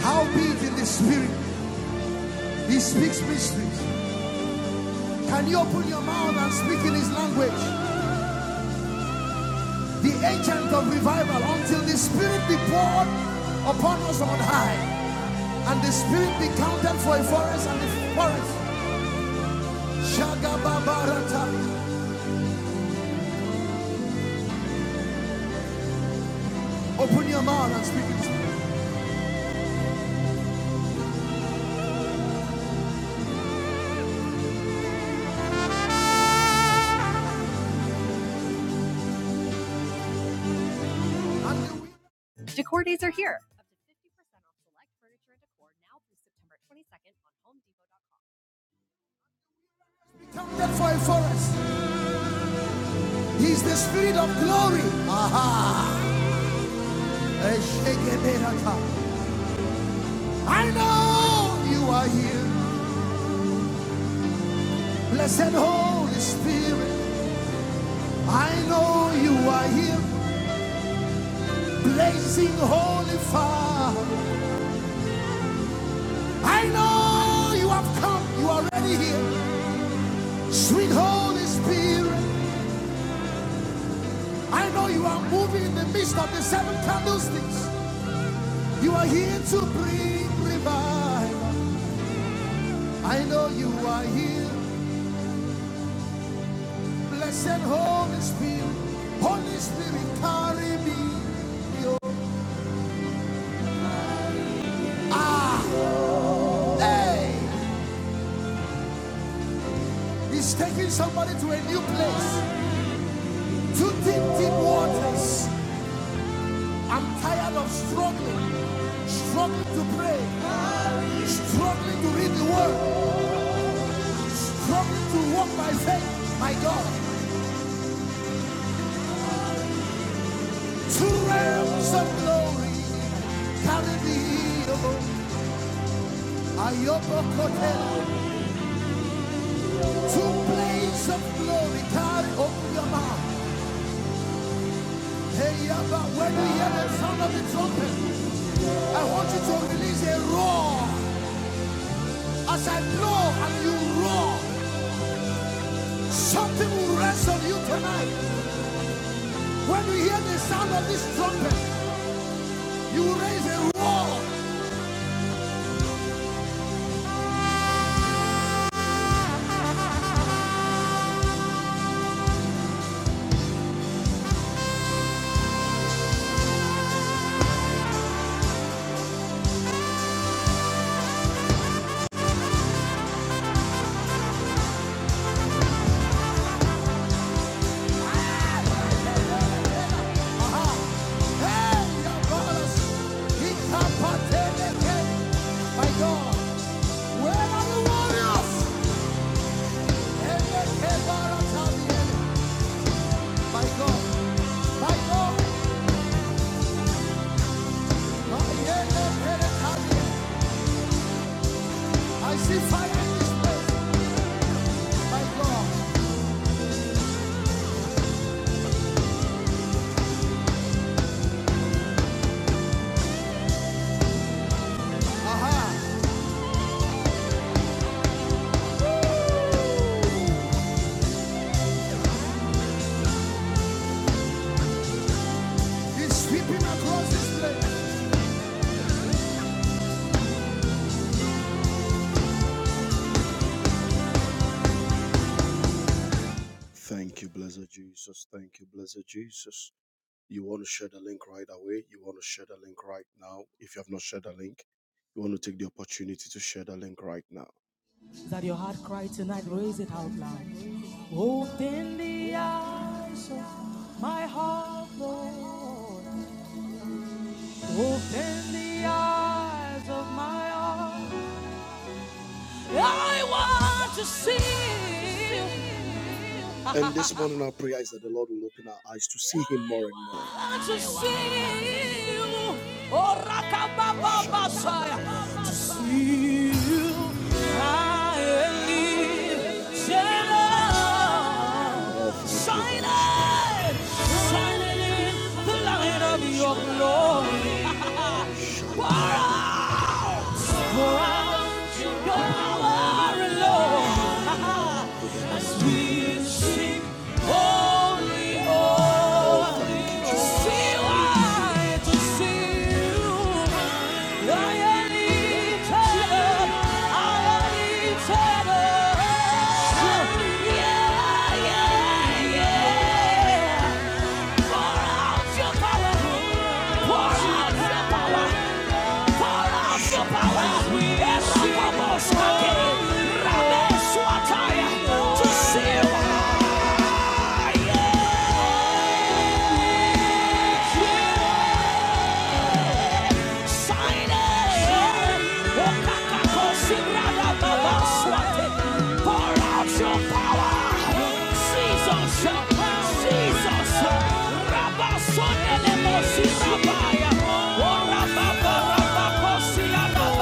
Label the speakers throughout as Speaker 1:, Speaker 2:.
Speaker 1: Howbeit in the spirit? He speaks mysteries. Can you open your mouth and speak in his language? The agent of revival until the spirit be poured upon us on high and the spirit be counted for a forest and a forest. Shagababarata. Open your mouth and speak in his language. And the wind be counted for a forest. He is the spirit of glory. Aha. I know you are here. Blessed Holy Spirit. I know you are here, blazing holy fire. I know you have come, you are already here. Sweet Holy Spirit, I know you are moving in the midst of the seven candlesticks. You are here to bring revival. I know you are here, blessed Holy Spirit. Holy Spirit, carry me. Ah, hey, He's taking somebody to a new place, to deep, deep waters. I'm tired of struggling, struggling to pray, struggling to read the word, struggling to walk by faith. My God, two realms of glory carry me over. Ayobokotel, two places of glory carry over your mouth. Hey, when you hear the sound of the trumpet, I want you to release a roar. As I blow and you roar, something will rest on you tonight. When you hear the sound of this trumpet, You raise a wall. Aha. Hey, Yabalas. Ikapateleke. My God. Where are the warriors? My God. My God. My elekebarataliele. I see fire in this place. My God. Aha. Woo. He's sweeping across this place. Thank you, blessed Jesus. Thank you, blessed Jesus. You want to share the link right away. You want to share the link right now. If you have not shared the link, you want to take the opportunity to share the link right now. Is That your heart cry tonight, raise it out loud. Open the eyes of my heart, Lord. Open the eyes of my heart. I want to see you. And this morning, our prayer is that the Lord will open our eyes to see Him more and more. to see you. Oh, To see you. shining, shining in the light of your glory. Pour out, pour out your power, Lord. Power! Ramesh Wataya to see you. Rabaya, oh Rababa, Rabacosia, Rababa.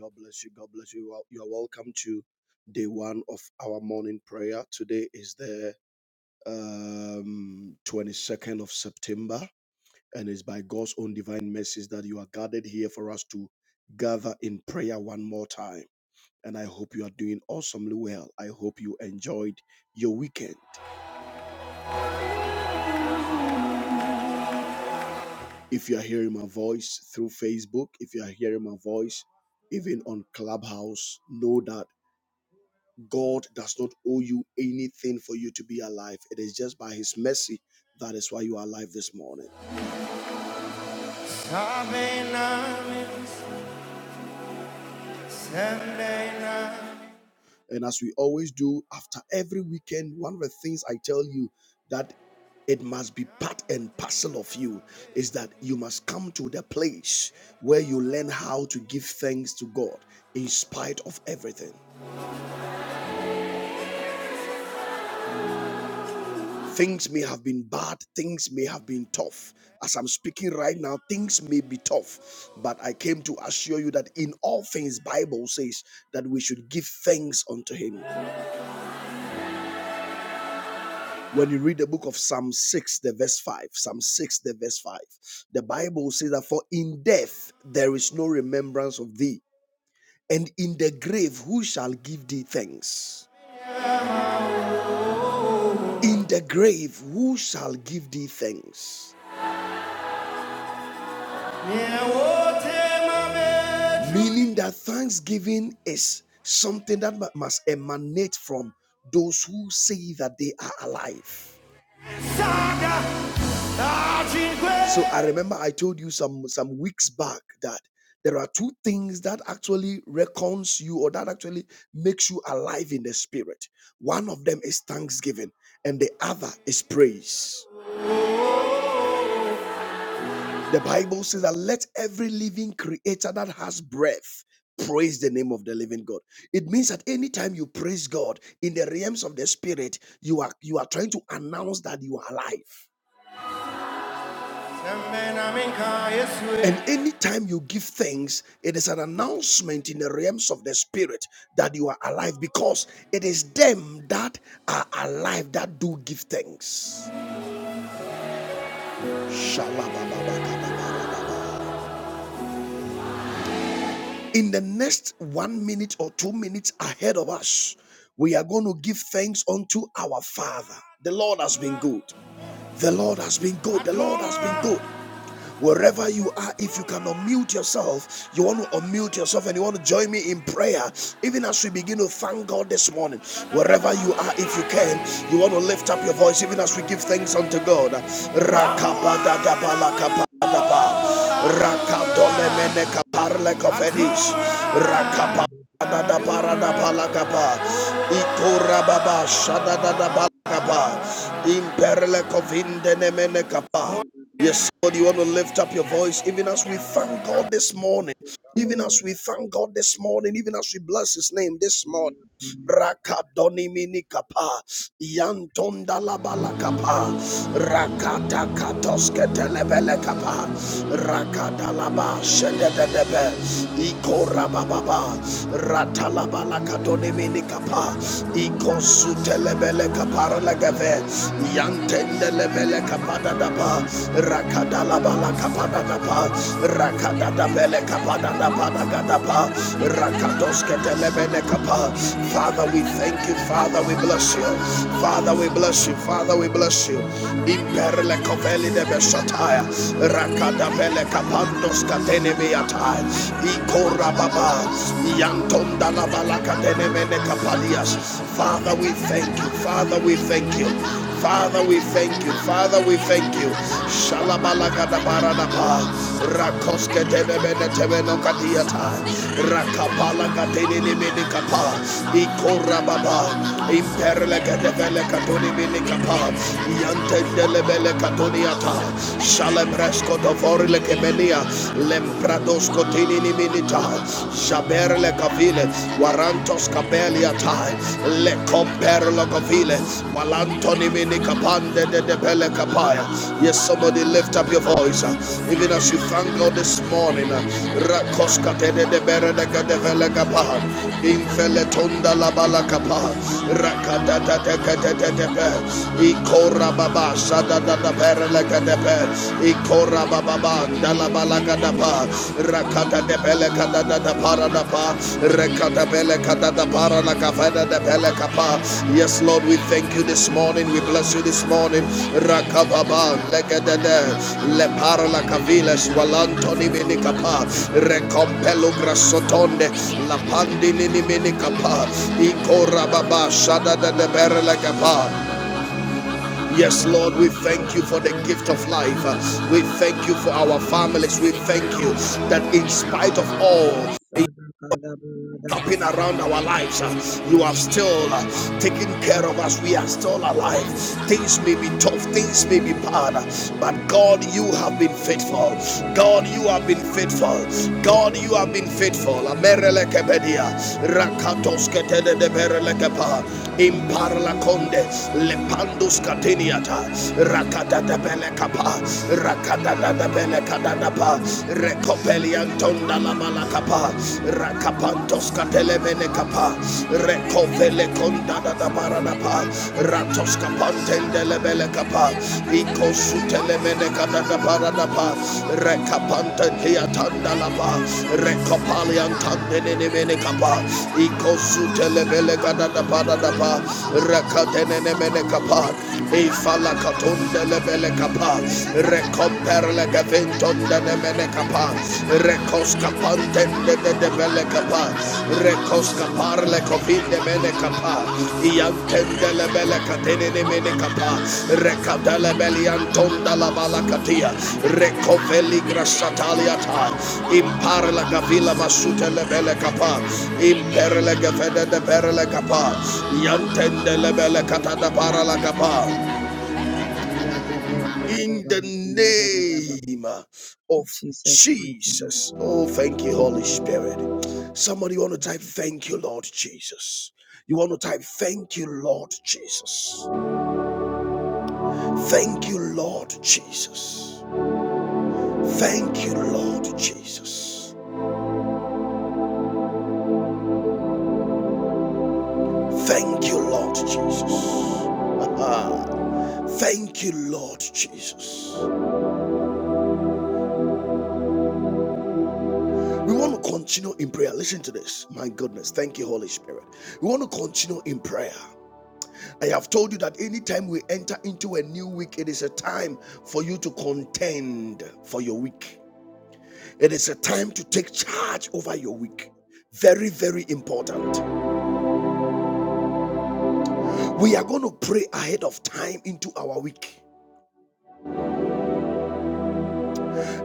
Speaker 1: God bless you. God bless you. Welcome to day one of our morning prayer. Today is the um, 22nd of September and it's by God's own divine mercies that you are gathered here for us to gather in prayer one more time. And I hope you are doing awesomely well. I hope you enjoyed your weekend. If you are hearing my voice through Facebook, if you are hearing my voice even on Clubhouse, know that God does not owe you anything for you to be alive. It is just by His mercy that is why you are alive this morning. And as we always do, after every weekend, one of the things I tell you that it must be part and parcel of you is that you must come to the place where you learn how to give thanks to God in spite of everything. Things may have been bad, things may have been tough. As I'm speaking right now, things may be tough, but I came to assure you that in all things Bible says that we should give thanks unto him. When you read the book of Psalm 6, the verse 5, Psalm 6, the verse 5, the Bible says that for in death there is no remembrance of thee, and in the grave who shall give thee thanks? In the grave who shall give thee thanks? Meaning that thanksgiving is something that must emanate from those who say that they are alive. So I remember I told you some some weeks back that there are two things that actually reckons you or that actually makes you alive in the spirit. One of them is thanksgiving and the other is praise. The Bible says that let every living creature that has breath praise the name of the living God. It means that anytime you praise God in the realms of the spirit, you are you are trying to announce that you are alive. And anytime you give thanks, it is an announcement in the realms of the spirit that you are alive because it is them that are alive that do give thanks. In the next one minute or two minutes ahead of us, we are going to give thanks unto our Father. The Lord has been good. The Lord has been good. The Lord has been good. Wherever you are, if you can unmute yourself, you want to unmute yourself and you want to join me in prayer, even as we begin to thank God this morning. Wherever you are, if you can, you want to lift up your voice, even as we give thanks unto God. Rakapa- Yes, God, you want to lift up your voice even as we thank God this morning, even as we thank God this morning, even as we bless His name this morning rakadoni minikapa yantonda labalakapa rakata katoske telebelekapa rakadalaba shedededebe ikorabababa ratalabalakadoni minikapa ikosutelebelekaparlegeve yantendelebelekapadadaba rakadalabalakapadadaba Father, we thank you. Father, we bless you. Father, we bless you. Father, we bless you. Imperle koveli de beshataya. Rakada kapandos katene miatai. Ikora baba. Yantonda la balaka kapalias. Father, we thank you. Father, we thank you. Father, we thank you. Father, we thank you. Shalabalakadabaradaba. Rakoske tenebene temeno kadiata. Rakapala katenini minikapa. Ikorababa. Imperle kadevele katoni minikapa. Yantendelebele katoniata. Shalebresko dovorile kemenia. Lempradosko tinini minita. Shaberle kavile. Warantos Capelia Tai, Le Comperlo Covile, Walantoni Mini Capande de de Pele Capaya. Yes, somebody lift up your voice, uh, even as you thank God this morning. uh, Rakos de de Bere de Gade Vele Capaya, Infele La Bala Capaya, Rakata de de Gade de de Be, Ikora Baba Sada da da Bere Le Gade Be, Ikora Baba Daba, Dalabalakadaba, Rakata de Belekata da Paradapa, Rekata Belekata da Paranakavada de Belekapa. Yes, Lord, we thank you this morning. We bless you this morning. Rakababa, Lekadede, Lepara la Cavilas, Walantoni Minicapa, Recompelo Grasotonde, La Minicapa, Ikora Shada de
Speaker 2: Thank
Speaker 1: Berelekapa. Yes, Lord, we thank you for the gift of life. We thank you for our families. We thank you that in spite of all, Stopping around our lives, uh, you are still uh, taking care of us. We are still alive. Things may be tough, things may be bad, uh, but God, you have been faithful. God, you have been faithful. God, you have been faithful. Amerelekebedia,
Speaker 2: you. Thank
Speaker 1: Veliantonda la Malacapa, Rakapantos Catelemene Capa, Recovele Condada da Baranapa, Ratos Capantel de Lebele Capa, Icosutelemene Cadada Baranapa, Recapantia Tandalapa, Recopalian Tandenemene Capa, Icosutelebele Cadada Baranapa, Recatenemene Capa, Ifala Catondelebele Capa, Comperle Gavinton de Nemenecapa, Recoscapante de Debeleca, Recoscaparle Copin de Menecapa,
Speaker 2: you. In
Speaker 1: Iantendele Belecatene de Menecapa, Recatele Belianton de la Balacatia, Recoveli Grasataliata, Imparla Gavila Masutele Belecapa, Imperle Gavede de Perlecapa, Yantendele Belecata de Paralacapa in the name of
Speaker 2: Jesus' mighty name.
Speaker 1: Jesus. Oh, thank you, Holy
Speaker 2: Amen.
Speaker 1: Spirit. Somebody want to
Speaker 2: Thank
Speaker 1: type,
Speaker 2: you.
Speaker 1: Thank you, Lord Jesus. You want to type, Thank you, Lord Jesus. Thank you, Lord Jesus. Thank you, Lord Jesus. Thank you, Lord Jesus. Ah, Thank you, Lord Jesus. We want to continue in prayer. Listen to this. My goodness. Thank you, Holy Spirit. We want to continue in prayer. I have told you that anytime we enter into a new week, it is a time for you to contend for your week. It is a time to take charge over your week. Very, very important. We are going to pray ahead of time into our week.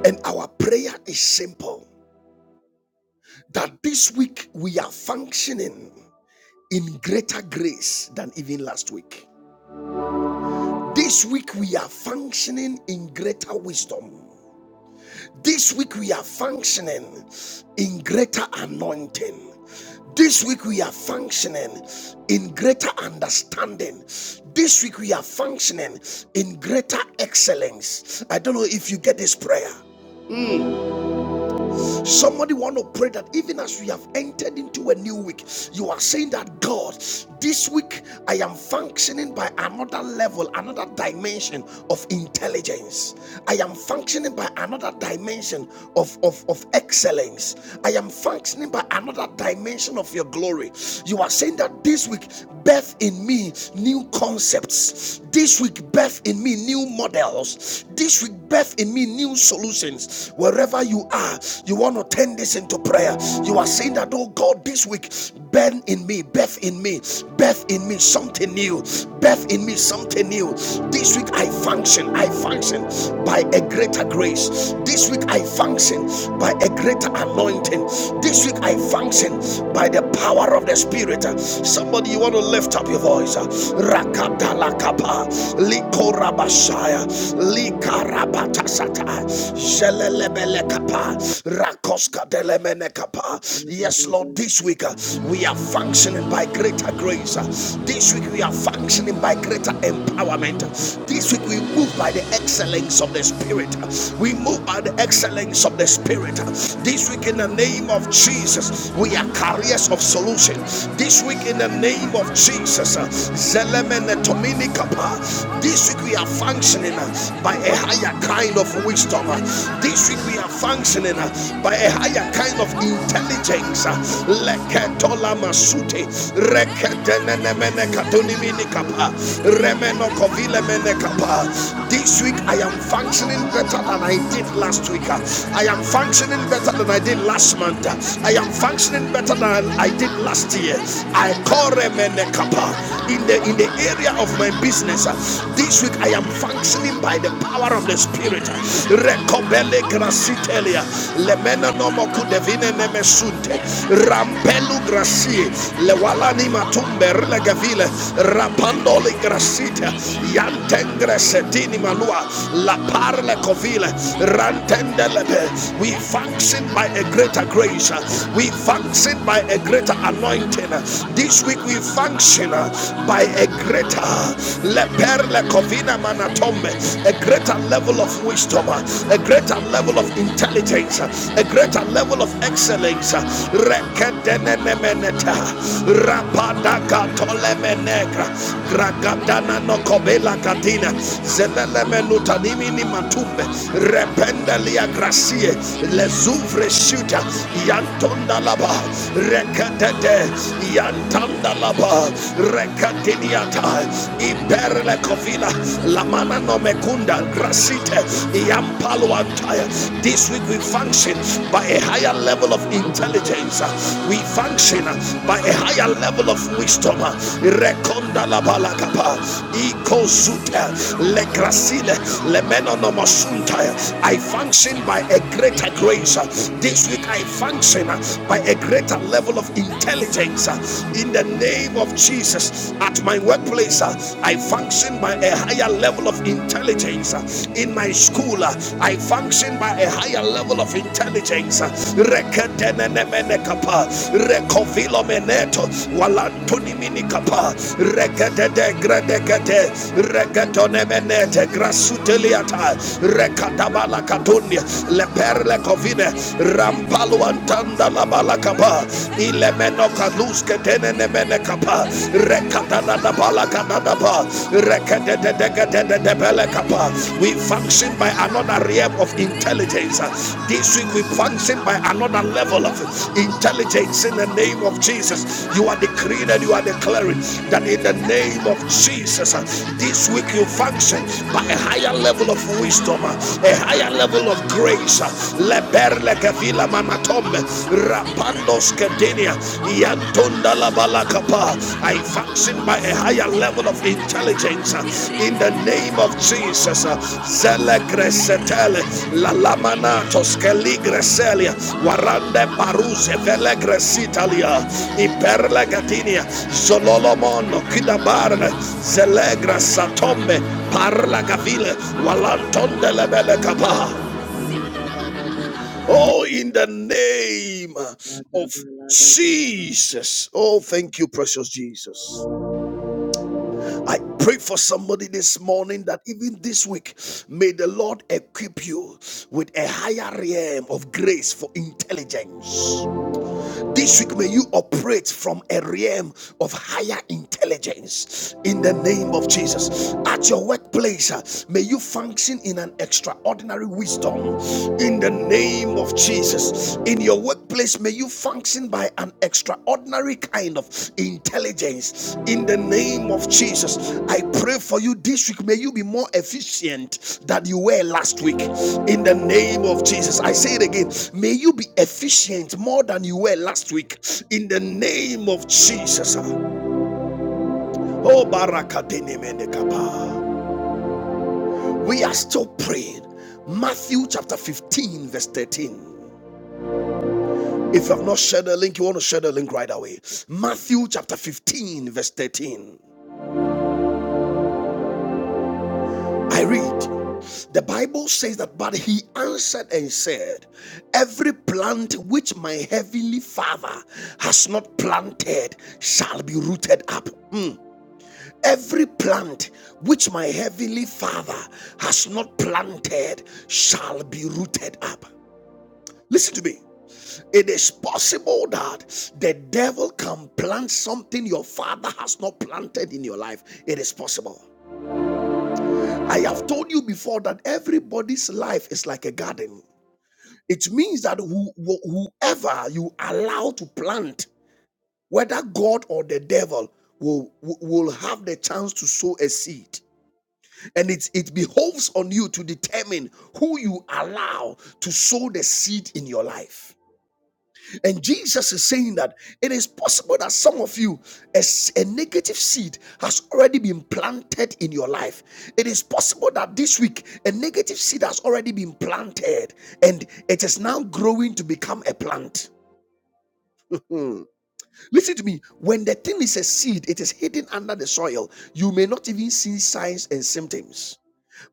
Speaker 1: And our prayer is simple that this week we are functioning in greater grace than even last week. This week we are functioning in greater wisdom This week we are functioning in greater anointing. This week we are functioning in greater understanding. This week we are functioning in greater excellence. I don't know if you get this prayer. Somebody want to pray that even as we have entered into a new week, you are saying that God, this week I am functioning by another level, another dimension of intelligence. I am functioning by another dimension of, of, of excellence. I am functioning by another dimension of your glory. You are saying that this week, birth in me new concepts. This week, birth in me new models. This week, birth in me new solutions Wherever you are, you want to turn this into prayer. You are saying that, oh God, this week, burn in me, birth in me, birth in me something new, birth in me something new. This week I function, I function by a greater grace. This week I function by a greater anointing. This week I function by the power of the Spirit. Somebody, you want to lift up your voice. Rakatalakapa, likorabashaya, likaraba yes lord this week uh, we are functioning by greater grace Uh,
Speaker 2: Thank
Speaker 1: this week we are
Speaker 2: you.
Speaker 1: functioning by greater
Speaker 2: Thank
Speaker 1: empowerment Uh, this week we move by the excellence of the spirit Uh, we move by the excellence of the spirit Uh, this week in the name of jesus we are carriers of solution this week in the name of jesus uh, this week we are functioning functioning uh, by a higher kind of wisdom. Uh, This week we are functioning uh, by a higher kind of intelligence. uh, Leketola masute, reketenenemene katunimini kapa, remeno kovile mene This week I am functioning better than I did last week. uh, I am functioning better than I did last month. uh, I am functioning better than I did last year. I call remene in the in the area of my business business. This week I am functioning by the power of the Spirit. Recobele gracitelia, lemena nomo kudevine nemesunte, rampelu gracie, lewalani matumbe rilegavile, rapandoli
Speaker 2: you.
Speaker 1: gracite, yantengre setini
Speaker 2: Thank
Speaker 1: manua, la parle covile, rantendelebe. We function by a greater grace. We function by a greater anointing. This week we function by a greater leperle covina manatombe, a greater level of wisdom, a greater level of intelligence, a greater level of excellence. Rekedenenemeneta, rapadakatolemenegra, gragadana nokobela katina, zelelemenutanimini matumbe, rependelia gracie, lezouvre shuta, yantonda laba, rekedede, yanta Tandalaba Rekatiniata Imperle
Speaker 2: you.
Speaker 1: Kovila Lamana no Mekunda Grasite Iampaluantaya. This week we function by a higher level of
Speaker 2: Thank you.
Speaker 1: intelligence. We function by a higher level of wisdom. Rekonda Labalakapa Ikozuta Legrasile Lemenonomosunta. I function by a greater grace. This week I function by a greater level of level of intelligence uh, in the name of Jesus. At my workplace, uh, I function by a higher level of intelligence. uh, In my school, uh, I function by a higher level of intelligence. uh, Rekedenenemenekapa, rekovilomeneto, walantuniminekapa, rekededegredegede,
Speaker 2: Thank
Speaker 1: shanda la balakapa ilemeno kaluske tenene mene rekata da da balakana da ba rekete de de de de de we function by another realm of intelligence this week we function by another level of intelligence in the name of Jesus you are decreeing and you are declaring that in the name of Jesus this week you function by a higher level of wisdom a higher level of grace Lebe Perle kafila manatombe. Rapandos kedinia. Yantunda la I function by a higher level of intelligence. uh, In the name of Jesus. uh,
Speaker 2: you.
Speaker 1: Zele
Speaker 2: Thank
Speaker 1: gresetele. La lamanatos keligreselia. Warande paruse vele gresitalia. Iperle gatinia. Zololomono kidabarne. Zelegra satombe. Parla gavile. Walantonde lebele kapa. Oh, in the name of Jesus. Oh, thank you, precious Jesus. I pray for somebody this morning that even this week, may the Lord equip you with a higher realm of grace for intelligence. This week, may you operate from a realm of higher intelligence in the name of Jesus. At your workplace, uh, may you function in an extraordinary wisdom in the name of Jesus. In your workplace, may you function by an extraordinary every kind of intelligence in the name of Jesus. I pray for you this week. May you be more efficient than you were last week in the name of Jesus. I say it again. May you be efficient more than you were last week in the name of Jesus. Oh, Barakadenemenekaba. we are still praying. Matthew chapter 15, verse 13. If you have not shared the link, you want to share the link right away. Matthew chapter 15, verse 13. I read. The Bible says that, but he answered and said, Every plant which my heavenly Father has not planted shall be rooted up. Mm. Every plant which my heavenly Father has not planted shall be rooted up. Listen to me. It is possible that the devil can plant something your father has not planted in your life. It is possible. I have told you before that everybody's life is like a garden. It means that who, whoever you allow to plant, whether God or the devil, will, will will have the chance to sow a seed. And it, it behoves on you to determine who you allow to sow the seed in your life. And Jesus is saying that it is possible that some of you, a a negative seed has already been planted in your life. It is possible that this week, a negative seed has already been planted and it is now growing to become a plant. Hmm. Listen to me. When the thing is a seed, it is hidden under the soil. You may not even see signs and symptoms.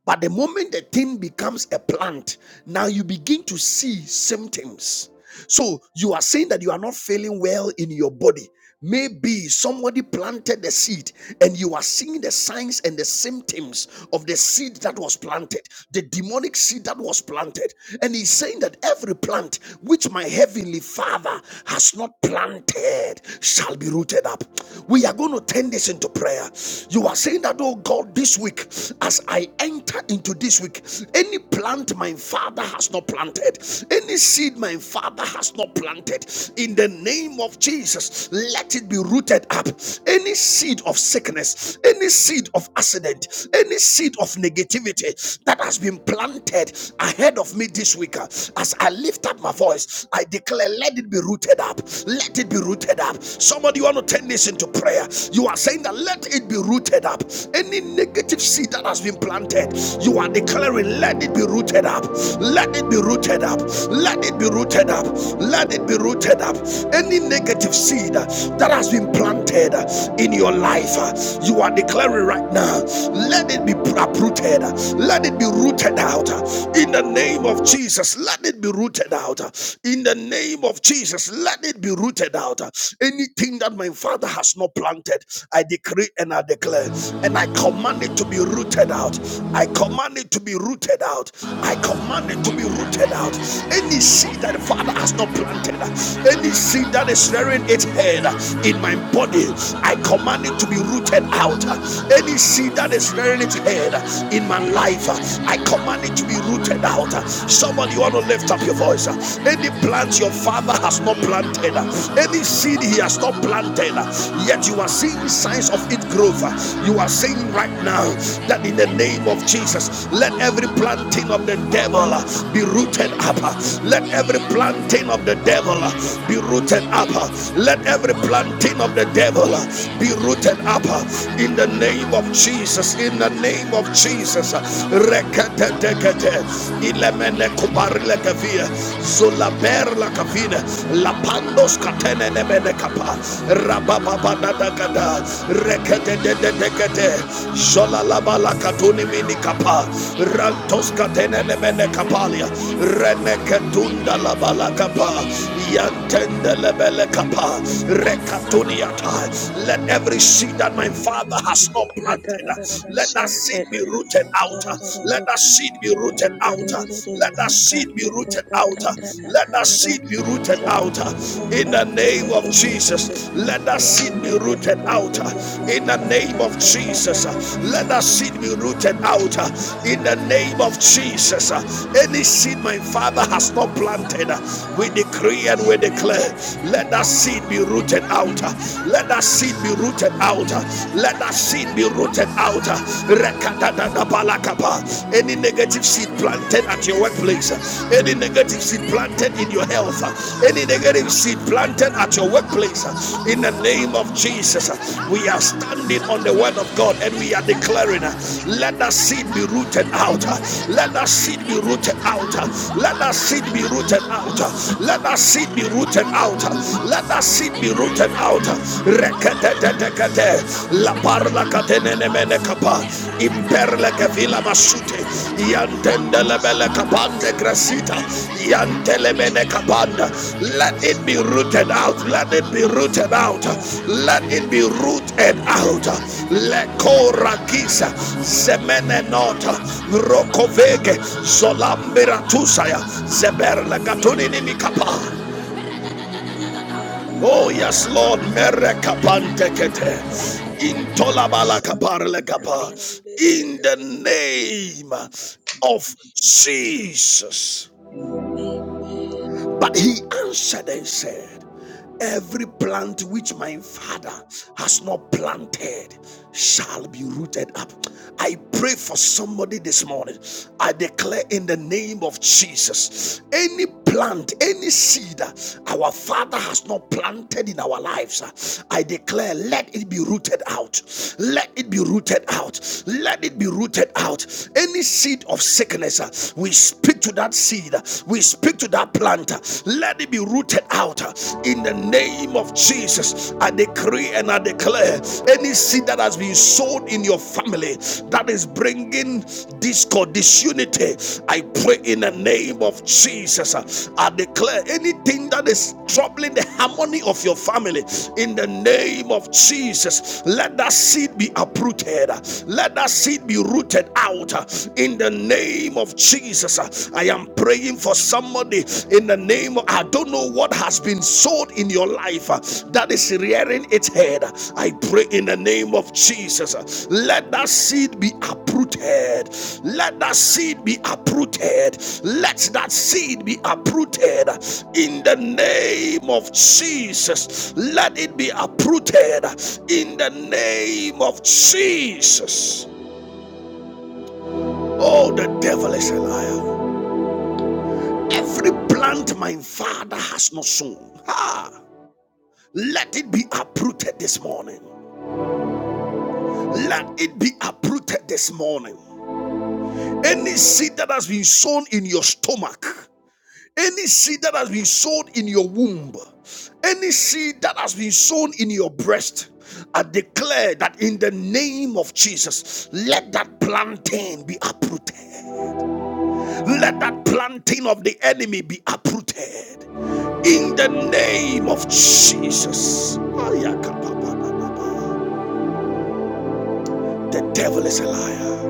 Speaker 1: But the moment the thing becomes a plant, now you begin to see symptoms. So you are saying that you are not feeling well in your body. Maybe somebody planted the seed and you are seeing the signs and the symptoms of the seed that was planted, the demonic seed that was planted. And he's saying that every plant which my heavenly father has not planted shall be rooted up. We are going to turn this into prayer. You are saying that, oh God, this week, as I enter into this week, any plant my father has not planted, any seed my father has not planted, in the name of Jesus, let it be rooted up. Any seed of sickness, any seed of accident, any seed of negativity that has been planted ahead of me this week, uh, as I lift up my voice, I declare, let it be rooted up. Let it be rooted up. Somebody, you want to turn this listen to prayer. You are saying that let it be rooted up. Any negative seed that has been planted, you are declaring, let it be rooted up. Let it be rooted up. Let it be rooted up. Let it be rooted up. Any negative seed uh, that has been planted uh, in your life, uh, you are declaring right now, let it be uprooted. Let it be rooted out uh, in the name of Jesus. Let it be rooted out uh, in the name of Jesus. Let it it be rooted out. Anything that my father has not planted, I decree and I declare, and I command it to be rooted out. I command it to be rooted out. I command it to be rooted out. Any seed that the father has not planted, any seed that is rearing its head in my body, I command it to be rooted out. Any seed that is rearing its head in my life, I command it to be rooted out. Somebody you want to lift up your voice voice. Any plant your father has not planted, any seed he has not planted, yet you are seeing signs of it growth. You are saying right now that in the name of Jesus, let every planting of the devil be rooted up. Let every planting of the devil be rooted up. Let every planting of the devil be rooted up in the name of Jesus. In the name of Jesus. Rekete dekete. Sete, Ilemene Kubarile Gavia, Zulaber La Cavina, Lapandos Catene Nemene Capa, Rababa de Decate, Jola Laba Catuni Mini Rantos Catene Nemene Capalia, Reneketunda Capa, Yantende Lebele Capa, Recatuniata, let every seed that my father has not planted, let that seed be rooted out. Let that seed be rooted out. Let that seed be rooted out. Let that seed be rooted out. In the name of Jesus, let that seed be rooted out. In the name of Jesus, let that seed be rooted out. In the name of Jesus, any seed my
Speaker 3: Shandere
Speaker 1: Father has not planted,
Speaker 3: Maka a a a
Speaker 1: we decree
Speaker 3: bara
Speaker 1: and we
Speaker 3: santo
Speaker 1: declare,
Speaker 3: de
Speaker 1: let that
Speaker 3: de
Speaker 1: seed be
Speaker 3: de de
Speaker 1: rooted
Speaker 3: de de
Speaker 1: out. Let
Speaker 3: ram
Speaker 1: that
Speaker 3: de
Speaker 1: seed
Speaker 3: de
Speaker 1: be rooted
Speaker 3: de de de de de
Speaker 1: out.
Speaker 3: maka
Speaker 1: Let
Speaker 3: a
Speaker 1: that seed
Speaker 3: a a
Speaker 1: be rooted
Speaker 3: bara
Speaker 1: out.
Speaker 3: santo de ram
Speaker 1: Any negative seed planted
Speaker 3: de de de
Speaker 1: at your
Speaker 3: de
Speaker 1: workplace,
Speaker 3: ram
Speaker 1: any
Speaker 3: de de
Speaker 1: negative seed planted in your
Speaker 3: de
Speaker 1: health, any
Speaker 3: de
Speaker 1: negative seed planted at your workplace, in the name of
Speaker 3: de
Speaker 1: Jesus,
Speaker 3: de
Speaker 1: we are
Speaker 3: maka a a
Speaker 1: standing
Speaker 3: a bara
Speaker 1: on the word
Speaker 3: santo
Speaker 1: of
Speaker 3: de
Speaker 1: God and we are
Speaker 3: ram de de de ram
Speaker 1: declaring,
Speaker 3: de de de de maka a a a bara santo maka a a a bara santo maka a a a
Speaker 1: let that seed be rooted out.
Speaker 3: bara santo maka
Speaker 1: Let that
Speaker 3: a
Speaker 1: seed be rooted out.
Speaker 3: a
Speaker 1: Let that seed be rooted
Speaker 3: a
Speaker 1: out.
Speaker 3: bara
Speaker 1: Let that
Speaker 3: santo
Speaker 1: seed be rooted out.
Speaker 3: Shandiriya
Speaker 1: Let that seed be rooted rooted out.
Speaker 3: Mandiribidi Randiri
Speaker 1: Reketetetekete. La parla katenene mene kapa. Imperle kevila masute.
Speaker 3: Magadadadada
Speaker 1: Yantendele bele kapande
Speaker 3: Sandiriya
Speaker 1: grasita.
Speaker 3: Mandiribidi
Speaker 1: Yantele mene kapanda.
Speaker 3: Mandiri
Speaker 1: Let it be rooted
Speaker 3: Shandiriya
Speaker 1: out.
Speaker 2: you.
Speaker 1: Let it be rooted out.
Speaker 3: Mandadadada
Speaker 1: Let it be rooted
Speaker 3: Manga
Speaker 1: out.
Speaker 3: da da da da da
Speaker 1: Le
Speaker 3: da da da. da da
Speaker 1: korakisa.
Speaker 3: Manga da
Speaker 1: Zemene
Speaker 3: da da da da
Speaker 1: nota.
Speaker 3: da. da da da da
Speaker 1: Rokovege.
Speaker 3: Sande de de mande de de
Speaker 1: Zolamberatusa.
Speaker 3: de de de.
Speaker 1: Zeberle
Speaker 3: Rande de
Speaker 1: katunini
Speaker 3: de de de
Speaker 1: mikapa.
Speaker 3: de de de de de de. Manga da
Speaker 1: Oh,
Speaker 3: da da da da
Speaker 1: yes,
Speaker 3: da. da da da
Speaker 1: Lord.
Speaker 3: da da da Mangadadadadadadadadada.
Speaker 1: Merekapantekete.
Speaker 3: Mangadadadadadadadadada. Sandiriya mandidididididi. Randidididididididididi. Magadadadadadadadadadadada. Magadadadadadadadada. Shandiriya
Speaker 1: Intolabalakaparlekapa. In the
Speaker 3: randidididididi.
Speaker 1: name of Jesus.
Speaker 3: Amen.
Speaker 1: But he answered and said, Every plant which my father has not planted shall be rooted up. I pray for somebody this morning. I declare in the name of Jesus any plant, any seed uh, our father has not planted in our lives, uh, I declare let it be rooted out. Let it be rooted out. Let it be rooted out. Any seed of sickness, uh, we speak to that seed. uh, We speak to that that plant, let it be rooted out in the name of Jesus. I decree and I declare any seed that has been sown in your family that is bringing discord, disunity, I pray in the name of Jesus. I declare anything that is troubling the harmony of your family in the name of Jesus. Let that seed be uprooted, let that seed be rooted out in the name of Jesus. uh, I am praying for somebody in the name of, I don't know what has been sold in your life uh, that is rearing its head. I pray in the name of Jesus. uh, Let that seed be uprooted. Let that seed be uprooted. Let that seed be uprooted in the name of Jesus. Let it be uprooted in the name of Jesus. Oh, the devil is a liar. Every plant my father has not sown, ah, let it be uprooted this morning. Let it be uprooted this morning. Any seed that has been sown in your stomach, any seed that has been sown in your womb, any seed that has been sown in your breast, I declare that in the name of Jesus, let that plantain be uprooted. Let that planting of the enemy be uprooted in the name of Jesus. The devil is a liar.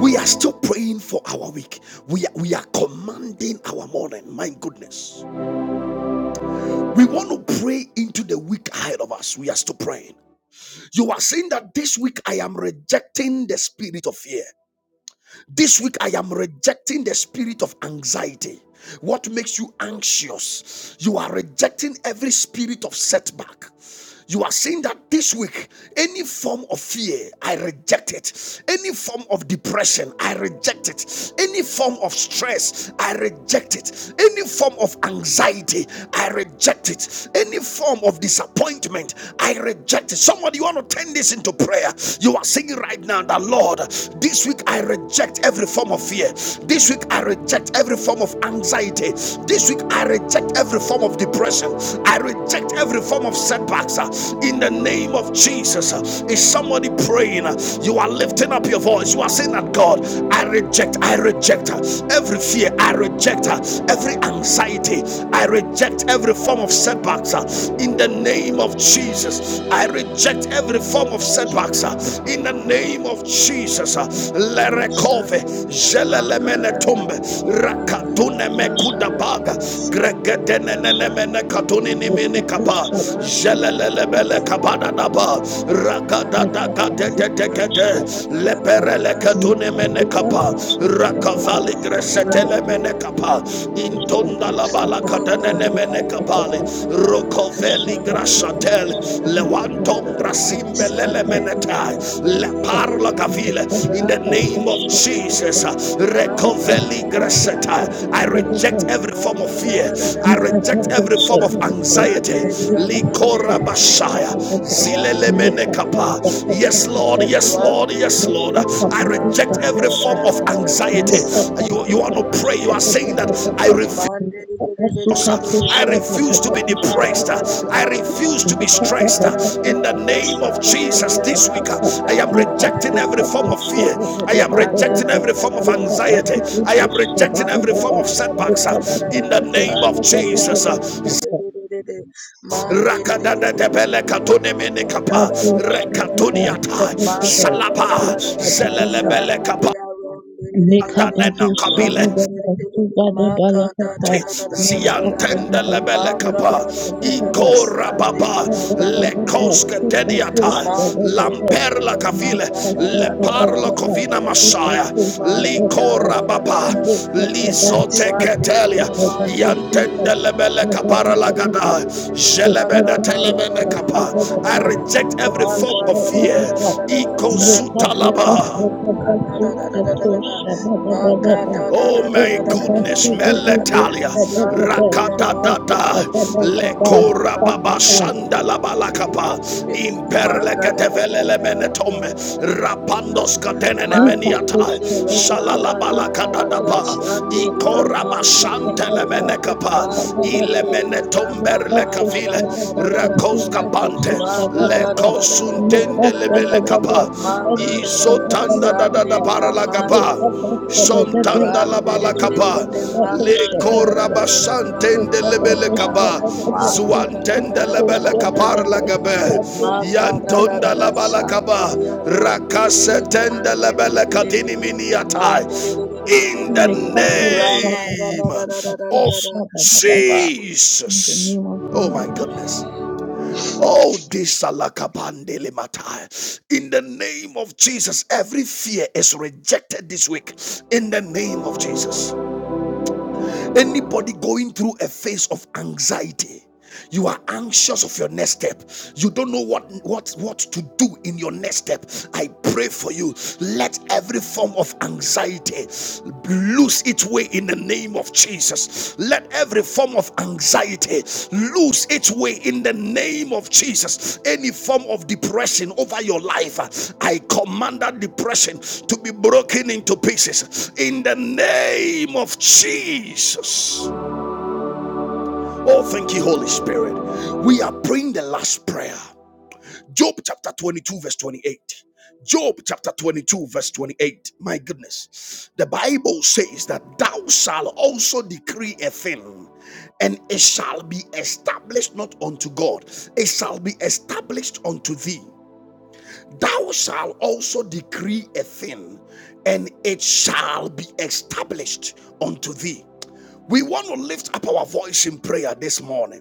Speaker 1: We are still praying for our week. We are, we are commanding our morning. My goodness. We want to pray into the week ahead of us. We are still praying. You are saying that this week I am rejecting the spirit of fear. This week, I am rejecting the spirit of anxiety. What makes you anxious? You are rejecting every spirit of setback. You are saying that this week, any form of fear, I reject it. Any form of depression, I reject it. Any form of stress, I reject it. Any form of anxiety, I reject it. Any form of disappointment, I reject it. Somebody, you want to turn this into prayer. You are saying right now that, Lord, this week I reject reject every form of fear. This week, I reject every form of anxiety. This week, I reject every form of depression. I reject every form of setbacks uh, in the name of Jesus. Uh, Is somebody praying? Uh, You are lifting up your voice. You are saying that God, I reject, I reject uh, every fear. I reject uh, every anxiety. I reject every form of setbacks uh, in the name of Jesus. I reject every form of setbacks setbacks uh, in the name of Jesus. uh, Lerekove,
Speaker 3: Shandiria
Speaker 1: Jelelemene
Speaker 3: Makarara
Speaker 1: Tumbe, Rakatune
Speaker 4: Thank
Speaker 1: Mekuda Baga,
Speaker 3: Makarara Shandiria
Speaker 1: Gregedenenemene Katunini
Speaker 3: Mandiria
Speaker 1: Mini Kapa,
Speaker 3: ram,
Speaker 1: Jelelebele Kabada
Speaker 3: Sandiria
Speaker 1: Daba, Rakada
Speaker 3: Makarara
Speaker 1: Dagadetekete,
Speaker 3: Shandelia
Speaker 1: Leperele Katune Mene Kapa, Rakavali Gresetele Mene Kapa, Intonda Labala Katanene Mene Kapali, Rokove Veligra Shatel, Lewantom Brasimbe Lelemenetai, Leparla Gavile, in the name of Jesus,
Speaker 3: Mandelia
Speaker 1: Recoveli Graseta. I reject
Speaker 4: you.
Speaker 1: every form of fear, I
Speaker 4: Make
Speaker 1: reject every form of
Speaker 4: up
Speaker 1: anxiety. Likora Bashaya, Zilelemene Kappa. Yes, Lord, yes,
Speaker 3: Maga
Speaker 1: Lord,
Speaker 3: da
Speaker 1: yes, Lord.
Speaker 3: da
Speaker 1: I
Speaker 3: da
Speaker 1: reject
Speaker 3: da da
Speaker 1: every form of anxiety. You,
Speaker 3: Sanderia
Speaker 1: you want to pray, you are saying that I refuse. I refuse to be depressed. I refuse to be stressed. In the name of Jesus, this week
Speaker 3: Rabba
Speaker 1: I
Speaker 3: da
Speaker 1: am
Speaker 3: da da da
Speaker 1: rejecting
Speaker 3: da
Speaker 1: every form of fear. I am
Speaker 3: my God,
Speaker 1: rejecting
Speaker 3: da, da,
Speaker 1: every
Speaker 3: da,
Speaker 1: form
Speaker 3: da,
Speaker 1: of
Speaker 3: da, da, da, da,
Speaker 4: a
Speaker 1: anxiety.
Speaker 3: da,
Speaker 1: I
Speaker 3: da.
Speaker 1: am rejecting
Speaker 3: My
Speaker 1: every
Speaker 4: secret,
Speaker 3: God,
Speaker 1: form of
Speaker 3: da, da,
Speaker 4: Thank
Speaker 3: da,
Speaker 1: setbacks.
Speaker 4: you.
Speaker 3: da, da, da, da, da.
Speaker 1: In the
Speaker 3: da.
Speaker 1: name of
Speaker 3: Shandiri,
Speaker 1: Jesus.
Speaker 3: arandi, di, di, di, di, di. Mandi, di, di, di, di, di, di.
Speaker 1: Rakadadadebele
Speaker 3: Ra,
Speaker 1: katone
Speaker 3: My
Speaker 1: mene
Speaker 3: God, da, da, da, da, da, da, da, da, da.
Speaker 1: Rekatuniata.
Speaker 3: My God, da, da,
Speaker 1: Shalaba.
Speaker 3: da, da, da, da, da.
Speaker 1: Zelelebele kapa.
Speaker 3: Shandiri, arandi, di, di, di, di, di.
Speaker 2: Amen.
Speaker 1: Danena kabile
Speaker 3: Mandi, di, di, di, di, di. My God, da, da, da, da, da, da, da, da, da, da.
Speaker 1: Ziantenda lebele
Speaker 3: My God,
Speaker 1: kapa
Speaker 3: da, da, da, da, da, da.
Speaker 1: ikora
Speaker 3: Shandiri,
Speaker 1: baba
Speaker 3: arandi, di, di, di,
Speaker 1: lekoske
Speaker 3: di, di.
Speaker 1: tediata
Speaker 3: Maga da da da da da da da
Speaker 1: lamperla
Speaker 3: da da
Speaker 1: kavile
Speaker 3: da
Speaker 1: le parlo kovina
Speaker 3: da
Speaker 1: masaya likora baba lizote ketelia yantenda lebele kapara lagada
Speaker 4: Thank
Speaker 1: jelebene telemene kapa I reject every form of fear ikosutalaba
Speaker 2: Thank
Speaker 3: da da da
Speaker 1: Oh my goodness,
Speaker 3: Magadadadadadadadadadadadada.
Speaker 1: Meletalia,
Speaker 3: Shanduria
Speaker 1: Rakadadada,
Speaker 3: mandiridirididi.
Speaker 1: Lekora Baba
Speaker 4: you.
Speaker 1: Shanda la Balakapa,
Speaker 3: Randiridididididididididi.
Speaker 1: Imperlegatevele
Speaker 2: you.
Speaker 1: Menetome,
Speaker 3: Magadadadadadadadadadada.
Speaker 2: We
Speaker 1: Rapandos
Speaker 2: bind these
Speaker 1: Katenene
Speaker 2: children.
Speaker 4: Lika
Speaker 3: Manderere
Speaker 1: Meniata, Shalala
Speaker 2: We
Speaker 3: ramagararararara
Speaker 2: take
Speaker 1: Balakadadapa,
Speaker 2: the spirit of
Speaker 3: shanderia
Speaker 2: the
Speaker 1: Ikora
Speaker 2: depression.
Speaker 3: manderere
Speaker 1: Bashantele Menekapa,
Speaker 2: We take the
Speaker 1: Ile
Speaker 3: manderere
Speaker 2: spirit of fear.
Speaker 1: Menetomber Lekavile, Rakos
Speaker 3: ramagararararara
Speaker 2: And
Speaker 1: Kapante,
Speaker 2: take the spirit of fear.
Speaker 1: Lekosuntende Lebele
Speaker 3: magarararararara
Speaker 1: Kapa,
Speaker 2: We the
Speaker 3: magarararara
Speaker 1: Isotanda da
Speaker 2: spirit.
Speaker 1: da da para
Speaker 3: sanderia
Speaker 1: la Kapa.
Speaker 3: manderere
Speaker 2: And
Speaker 1: Shontanda
Speaker 2: take the
Speaker 1: labalakaba,
Speaker 2: spirit.
Speaker 3: ramderere
Speaker 1: leko
Speaker 2: And take
Speaker 1: rabashantende
Speaker 2: the spirit of
Speaker 3: magarararararara
Speaker 1: lebelekaba,
Speaker 2: fear.
Speaker 1: zuantende
Speaker 2: And take the
Speaker 1: lebelekabar
Speaker 2: spirit of
Speaker 3: magarararararara
Speaker 1: lagabe,
Speaker 2: fear.
Speaker 1: yantonda
Speaker 3: Magadadadada
Speaker 2: And take the
Speaker 1: labalakaba,
Speaker 3: Shanduria
Speaker 2: spirit of fear.
Speaker 3: Randere
Speaker 1: rakasetende
Speaker 2: We take the spirit of
Speaker 1: lebelekatini
Speaker 3: Mandere
Speaker 2: fear.
Speaker 3: Mandere
Speaker 1: miniatai. In
Speaker 4: In
Speaker 1: the
Speaker 4: the
Speaker 1: name of
Speaker 3: Ramagadadadadadada Uchi
Speaker 1: Jesus.
Speaker 4: name of
Speaker 1: Oh my
Speaker 4: Jesus.
Speaker 1: goodness.
Speaker 3: Amen
Speaker 1: Oh, this salakabandele matai. In the name of Jesus, every fear is rejected this week. In the name of Jesus. Anybody going through a phase of anxiety, you are anxious of your next step. You don't know what, what, what to do in your next step. I pray for you. Let every form of anxiety lose its way in the name of Jesus. Let every form of anxiety lose its way in the name of Jesus. Any form of depression over your life, I command that depression to be broken into pieces in the name of Jesus. Oh, thank you, Holy Spirit. We are praying the last prayer. Job chapter 22, verse 28. Job chapter 22, verse 28. My goodness. The Bible says that thou shalt also decree a thing, and it shall be established not unto God, it shall be established unto thee. Thou shalt also decree a thing, and it shall be established unto thee. We want to lift up our voice in prayer this morning.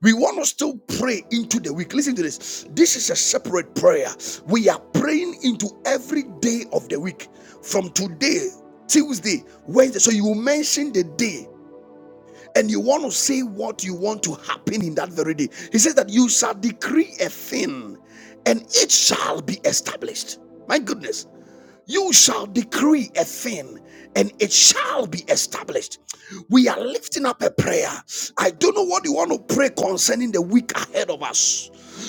Speaker 1: We want to still pray into the week. Listen to this. This is a separate prayer. We are praying into every day of the week from today, Tuesday, Wednesday. So you mention the day and you want to say what you want to happen in that very day. He says that you shall decree a thing and it shall be established. My goodness. You shall decree a thing and it shall be established. We are lifting up a prayer. I don't know what you want to pray concerning the week ahead of us.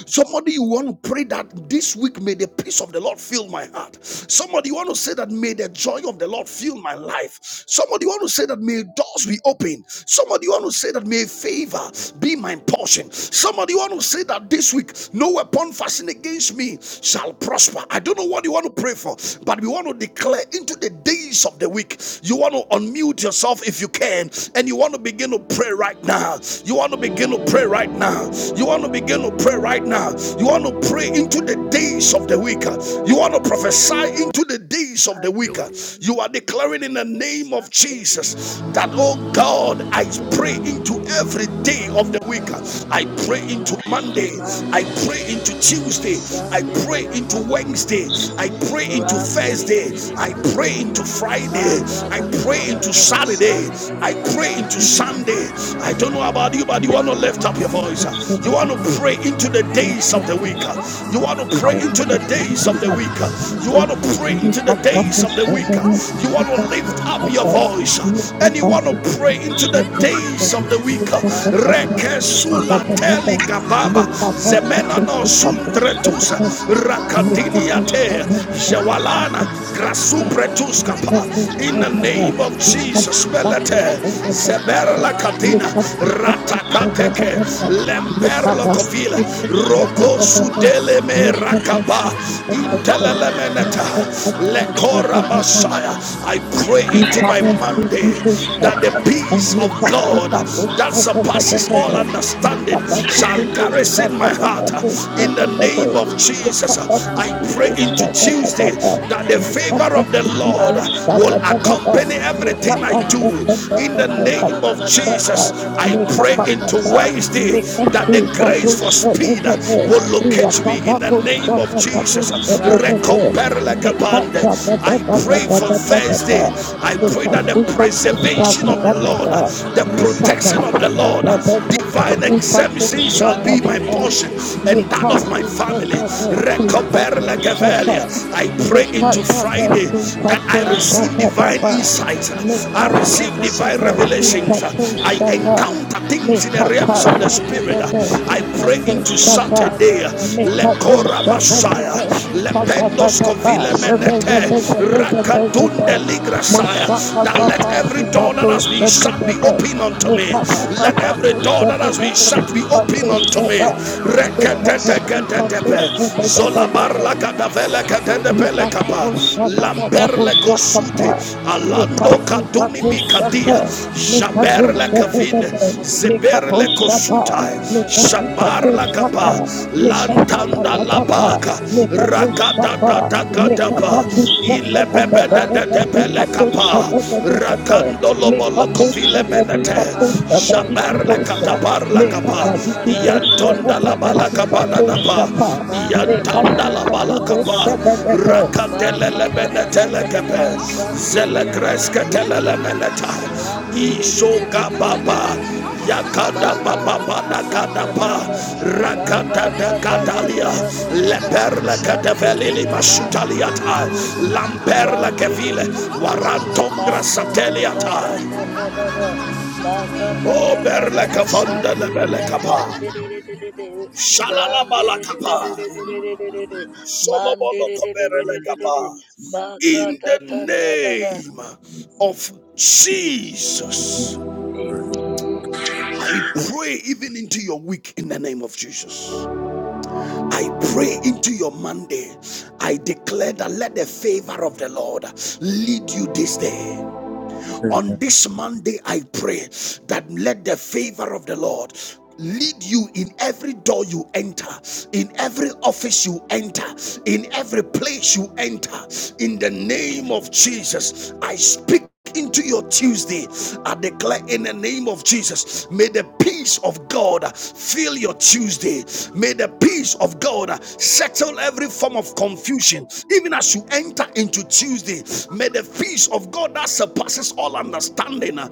Speaker 1: Somebody you want to pray that this week may the peace of the Lord fill my heart. Somebody you want to say that may the joy of the Lord fill my life. Somebody you want to say that may doors be open. Somebody you want to say that may favor be my portion. Somebody you want to say that this week no weapon fashioned against me shall prosper. I don't know what you want to pray for, but we want to declare into the days of the week. You want to unmute yourself if you can, and you want to begin to pray right now. You want to begin begin to pray right now. You want to begin to pray right now. You want to pray into the days of the week. You want to prophesy into the days of the week.
Speaker 3: Anduria
Speaker 1: You are declaring in the
Speaker 3: Magadadadada
Speaker 1: name of
Speaker 3: Shanduria
Speaker 1: Jesus that,
Speaker 3: Mandere
Speaker 1: oh God, I pray
Speaker 3: Ram
Speaker 1: into every day of the week. I pray into Monday. I pray into Tuesday. I pray
Speaker 3: Shandiria,
Speaker 1: into Wednesday. I pray into Thursday. I pray into Friday. I pray into Saturday. I pray pray into Sunday. I don't know about you, but you want to lift up your voice. You want to pray into the
Speaker 4: Thank
Speaker 1: days of the week. You want to pray
Speaker 5: come
Speaker 1: into
Speaker 5: to
Speaker 1: the
Speaker 5: this
Speaker 1: days of
Speaker 5: with
Speaker 1: the week. You want to pray into the days of the week. You want to lift up your voice and you want to pray into the
Speaker 5: the
Speaker 1: days
Speaker 5: mighty
Speaker 1: of the
Speaker 5: name
Speaker 1: week. Reke sula teli kababa zemena no sundretusa rakadinia te jawalana grasupre in in the name of Jesus. Melete Zeberla Katina Ratakateke
Speaker 4: you.
Speaker 1: lemberlo
Speaker 4: Nikabasakata,
Speaker 1: Kovila Roko Sudele Me Rakaba Intelelemeneta Lekora Messiah. I pray
Speaker 4: Make
Speaker 1: into
Speaker 4: up,
Speaker 1: my
Speaker 4: this shop we
Speaker 1: Monday
Speaker 4: can pick this shop
Speaker 1: that the
Speaker 3: Manga
Speaker 4: this
Speaker 1: peace of
Speaker 4: we can pick
Speaker 1: God
Speaker 4: this
Speaker 3: Shanderia
Speaker 1: that
Speaker 4: shop
Speaker 1: surpasses all
Speaker 3: manderere,
Speaker 4: we
Speaker 1: understanding
Speaker 4: can
Speaker 1: shall
Speaker 3: randerere,
Speaker 4: pick this
Speaker 1: garrison
Speaker 4: shop
Speaker 1: my
Speaker 4: we
Speaker 1: heart
Speaker 4: can
Speaker 1: in the name of
Speaker 3: manderere,
Speaker 1: Jesus. I
Speaker 3: rama
Speaker 1: pray
Speaker 3: da da
Speaker 1: into
Speaker 3: da da da
Speaker 1: Tuesday
Speaker 3: da da da
Speaker 1: that
Speaker 3: da
Speaker 1: that
Speaker 3: da
Speaker 1: the
Speaker 3: da da da
Speaker 1: favor
Speaker 3: da,
Speaker 1: of the Lord
Speaker 3: ma da da
Speaker 1: will
Speaker 3: da da da da da
Speaker 1: accompany
Speaker 3: da da da da
Speaker 1: everything I
Speaker 3: da,
Speaker 1: do. In
Speaker 3: ma
Speaker 1: the
Speaker 3: da da
Speaker 1: name
Speaker 3: da
Speaker 1: of
Speaker 3: da da da da da da
Speaker 1: Jesus,
Speaker 3: da
Speaker 1: I
Speaker 3: da da
Speaker 1: pray
Speaker 3: da,
Speaker 1: into Wednesday
Speaker 3: shanderia
Speaker 1: that the grace
Speaker 3: manderere,
Speaker 1: for speed will locate
Speaker 3: randerere,
Speaker 1: me in the name of Jesus.
Speaker 4: pick
Speaker 1: Recompare like a
Speaker 2: and
Speaker 1: band.
Speaker 4: this
Speaker 3: randerere,
Speaker 1: I
Speaker 4: shop
Speaker 1: pray
Speaker 3: ma
Speaker 1: for
Speaker 3: da
Speaker 4: we
Speaker 3: da da da
Speaker 1: Thursday.
Speaker 3: da
Speaker 4: can.
Speaker 3: da da da
Speaker 1: I
Speaker 3: da
Speaker 1: pray
Speaker 4: Nika
Speaker 3: da
Speaker 1: that
Speaker 3: da
Speaker 1: the
Speaker 3: da.
Speaker 4: suka pusha
Speaker 1: preservation
Speaker 4: da
Speaker 1: of
Speaker 4: da
Speaker 1: the
Speaker 3: Shanderia
Speaker 4: da
Speaker 1: Lord,
Speaker 4: da.
Speaker 1: the
Speaker 4: Nika
Speaker 1: protection of the
Speaker 4: masaka
Speaker 1: Lord,
Speaker 4: da da
Speaker 1: the
Speaker 4: da da.
Speaker 1: divine
Speaker 4: Suka
Speaker 1: exemption
Speaker 4: pusha
Speaker 1: shall
Speaker 4: da
Speaker 1: be
Speaker 4: da
Speaker 1: my
Speaker 4: da.
Speaker 1: portion and that
Speaker 4: Nika
Speaker 1: of my
Speaker 4: suka
Speaker 1: family.
Speaker 4: da da suka
Speaker 1: Recoperla
Speaker 4: pusha
Speaker 1: Gavelia.
Speaker 4: da.
Speaker 1: I pray
Speaker 4: Nika
Speaker 1: into
Speaker 4: da da
Speaker 1: Friday
Speaker 4: suka
Speaker 1: that I
Speaker 4: pusha
Speaker 1: receive
Speaker 4: da da
Speaker 1: divine
Speaker 4: da.
Speaker 1: insight. I
Speaker 4: Nika da
Speaker 1: receive
Speaker 4: da da
Speaker 1: divine
Speaker 4: da suka
Speaker 1: revelations. I
Speaker 4: pusha da.
Speaker 3: Mandelia
Speaker 1: encounter things in the
Speaker 4: Nika
Speaker 1: realms of the
Speaker 4: pasha da
Speaker 1: spirit.
Speaker 4: da da
Speaker 3: Ram-de-de-de-de-de-de-de-de. de de
Speaker 1: I
Speaker 4: suka
Speaker 3: de de de de de de de.
Speaker 1: pray into
Speaker 3: ma
Speaker 4: pusha da.
Speaker 3: da da
Speaker 1: Saturday.
Speaker 3: da
Speaker 4: Nika
Speaker 1: Lekora
Speaker 3: da
Speaker 4: dosha
Speaker 3: da
Speaker 4: da da
Speaker 1: Messiah.
Speaker 4: da
Speaker 3: da
Speaker 4: suka da
Speaker 1: Lependos
Speaker 4: da da
Speaker 3: Ram-de-de-de-de.
Speaker 4: da.
Speaker 1: Kovile
Speaker 4: Zebe
Speaker 1: Menete.
Speaker 4: zebe
Speaker 3: Shan-de-de-ya. ma
Speaker 4: zebe
Speaker 3: da
Speaker 4: zebe
Speaker 3: da da da
Speaker 1: Rakatunde
Speaker 4: zebe.
Speaker 3: da da
Speaker 1: Ligrasaya.
Speaker 3: da da
Speaker 1: That let
Speaker 4: Moshakapapa
Speaker 3: ma
Speaker 1: every
Speaker 3: da da
Speaker 1: door
Speaker 3: da
Speaker 4: zipato
Speaker 1: that has been
Speaker 3: da
Speaker 1: shut be
Speaker 4: shebedebe.
Speaker 1: open
Speaker 3: da
Speaker 1: unto me. Let
Speaker 4: Nikapapapa
Speaker 1: every
Speaker 3: Ban-de-de-de-de.
Speaker 1: door that has been
Speaker 4: moshebedebe
Speaker 1: shut be
Speaker 3: Man-de-de-de-de.
Speaker 4: zipato
Speaker 1: open unto me.
Speaker 4: sheba.
Speaker 3: Ma-ga-da-da-da-da-da.
Speaker 4: Nikapapa zipato
Speaker 3: Shan-de-de-ya.
Speaker 4: shebedebedebe.
Speaker 3: Ma-de-de-de-de-de-de.
Speaker 4: Make
Speaker 3: Ram-de-de-de-de-de-de.
Speaker 1: Lamberle kusute.
Speaker 3: Ma-ga-da-da-da-da-da-da-da-da-da. da
Speaker 1: Alando kaduni mikadia.
Speaker 3: Ma-ga-da-da-da-da-da-da-da-da. My
Speaker 1: Shaberle
Speaker 3: God, da, da,
Speaker 1: kavine.
Speaker 3: da, da, da, da, da, da.
Speaker 1: Zeberle
Speaker 3: My
Speaker 1: kosutai.
Speaker 3: God, da, da, da, da, da, da, da, da,
Speaker 1: Shabar
Speaker 3: da, da,
Speaker 1: lakapa.
Speaker 3: da.
Speaker 1: Lantanda
Speaker 3: Shandiya,
Speaker 1: labaka.
Speaker 3: mandiri, randiri,
Speaker 1: Rakadadadakadapa.
Speaker 3: mandiri,
Speaker 1: Ilebebedededepele kapa.
Speaker 4: up a
Speaker 1: Rakandolo
Speaker 4: Make up
Speaker 3: mandiri,
Speaker 4: push
Speaker 1: bolokovile
Speaker 4: up
Speaker 1: ben
Speaker 4: body
Speaker 3: shandiya,
Speaker 1: menete
Speaker 4: cup push
Speaker 3: my
Speaker 4: up
Speaker 3: God,
Speaker 2: Thank
Speaker 4: body
Speaker 3: da,
Speaker 4: keep
Speaker 3: da,
Speaker 1: shabarla
Speaker 3: da,
Speaker 4: push
Speaker 3: da, da,
Speaker 4: up.
Speaker 3: da, da.
Speaker 1: katabarla
Speaker 4: Make up
Speaker 1: kapa
Speaker 3: My
Speaker 4: body
Speaker 3: God,
Speaker 4: keep
Speaker 3: da, da,
Speaker 4: push
Speaker 3: da,
Speaker 4: up
Speaker 3: da,
Speaker 1: yantonda
Speaker 4: up
Speaker 3: da,
Speaker 1: la
Speaker 4: up
Speaker 3: da, da,
Speaker 1: bala
Speaker 4: body
Speaker 3: da,
Speaker 4: keep
Speaker 3: da, da, da, da,
Speaker 1: kapa
Speaker 3: da.
Speaker 1: da da
Speaker 4: push
Speaker 1: pa
Speaker 4: up
Speaker 3: My God,
Speaker 4: Make
Speaker 3: da,
Speaker 4: up
Speaker 3: da,
Speaker 1: yantanda
Speaker 3: da,
Speaker 4: keep
Speaker 1: la
Speaker 3: da,
Speaker 4: up
Speaker 3: da, da,
Speaker 1: bala
Speaker 4: up
Speaker 3: da,
Speaker 1: kapa
Speaker 3: da,
Speaker 4: push
Speaker 3: da,
Speaker 4: up
Speaker 3: da,
Speaker 4: up
Speaker 3: da, da. My
Speaker 1: rakatele le
Speaker 3: God, da, da,
Speaker 1: menete
Speaker 3: da,
Speaker 1: le
Speaker 3: da, da, da,
Speaker 1: kepe
Speaker 3: da,
Speaker 1: zele
Speaker 3: shandiya,
Speaker 1: kreske tele le
Speaker 3: mandiri,
Speaker 1: menete ishoka
Speaker 3: Ram-de-de-de-de-de-de-de-de.
Speaker 1: baba yakada baba bana kada pa
Speaker 3: Maga-da-da-da-da-da-da.
Speaker 1: rakata da kadalia
Speaker 3: Maga-da-da-da-da-da-da-da-da.
Speaker 1: leperla kataveli mashutaliata
Speaker 3: Shandiria-man-de-de-de-de-de-de.
Speaker 1: lamperla kevile
Speaker 3: Ram-de-de-de-de-de-de-de-de.
Speaker 1: warantongra sateliata
Speaker 3: Maga-da-da-da-da-da-da-da.
Speaker 1: O
Speaker 3: Maga-da-da-da-da-da.
Speaker 1: berlekafanda lebelekapa.
Speaker 2: you.
Speaker 3: Shandiria-man-de-de-de-de-de-de.
Speaker 1: Shalalabalakapa.
Speaker 3: Ram-de-de-de-de-de-de-de-de-de-de.
Speaker 1: Solomolokoberelekapa.
Speaker 3: Man-de-de-de-de-de-de-de-de-de.
Speaker 1: In the
Speaker 3: Maga-da-da-da-da-da.
Speaker 1: name of Jesus,
Speaker 3: Amen.
Speaker 1: I pray even into your week in the name of Jesus. I pray into your Monday. I declare that let the favor of the Lord lead you this day. On this Monday, I pray that let the favor of the Lord lead you in every door you enter, in every office you enter, in every place you enter. In the name of Jesus, I speak. Into your Tuesday, I declare in the name of Jesus, may the peace of God fill your Tuesday. May the peace of God settle every form of confusion. Even as you enter into Tuesday, May May the peace of God that surpasses all understanding uh,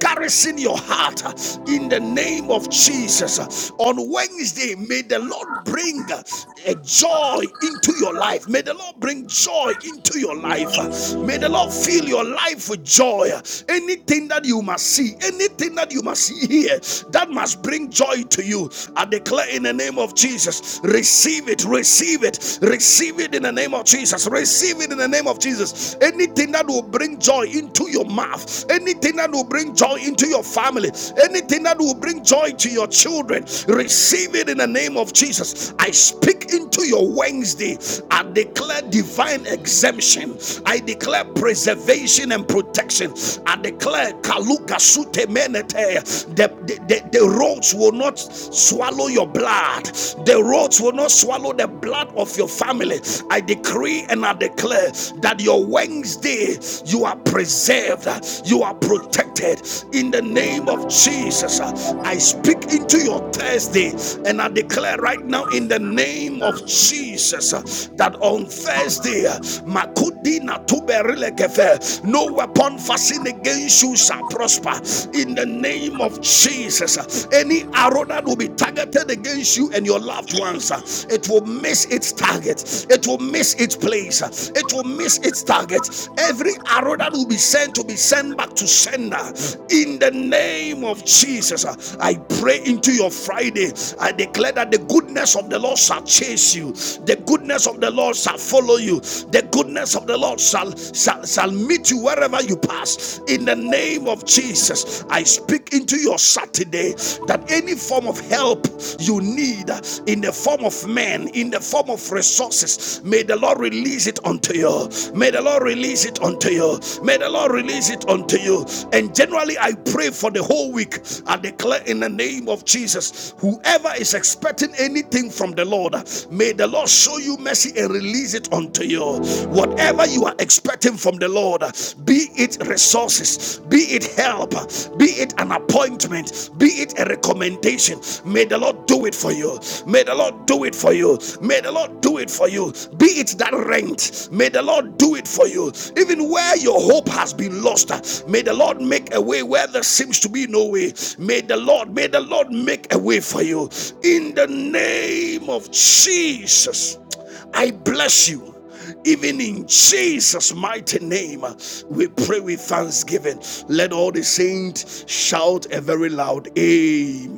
Speaker 1: garrison your heart uh, in the name of Jesus. Uh, On Wednesday, may the Lord bring uh, a joy into your life. May the Lord bring joy into your life. Uh, May the Lord fill your life with joy. Uh, Anything that you must see, anything that you must hear, that must bring joy to you. I declare in the name of Jesus, receive it, receive it, receive it in the name of Jesus. Jesus. Receive it in the name of Jesus. Anything that will bring joy into your mouth, anything that will bring joy into your family, anything that will bring joy to your children, receive it in the name of Jesus. I speak into your Wednesday. I declare divine exemption. I declare preservation and protection. I declare kaluka sute menete. The, the, the, the roads will not swallow your blood. The roads will not swallow the blood blood of your family. I decree and I declare that your Wednesday you are preserved, you are protected in the name of Jesus. I speak into your Thursday and I declare right now in the name of Jesus that on Thursday, Makudina Tuberelekefe, no weapon fastened against you shall prosper in the name of Jesus. Any arrow that will be targeted against you and and your loved ones, uh, it will miss its target. It will miss its place. uh, It will miss its target. Every arrow that will be sent to be sent back to sender. In the name of Jesus, uh, I pray into your Friday. I declare that the goodness of the Lord shall chase you. The goodness of the Lord shall follow you. The goodness of the Lord shall shall, shall meet you wherever you pass. In the name of Jesus, I speak into your Saturday that any any form of help you need in the form of men, in the form of resources, may the Lord release it unto you. May the Lord release it unto you. May the Lord release it unto you. And generally, I pray for the whole week. I declare in the name of Jesus, whoever is expecting anything from the Lord, may the Lord show you mercy and release it unto you. Whatever you are expecting from the Lord, be it resources, be it help, be it an appointment, be it a recommendation. May the Lord do it for you. May the Lord do it for you. May the Lord do it for you. Be it that rent, may the Lord do it for you. Even where your hope has been lost, uh, may the Lord make a way where there seems to be no way. May the Lord, may the Lord make a way for you. In the name of Jesus, I bless you. Even in Jesus' mighty name, we pray with thanksgiving. Let all the saints shout a very loud Amen.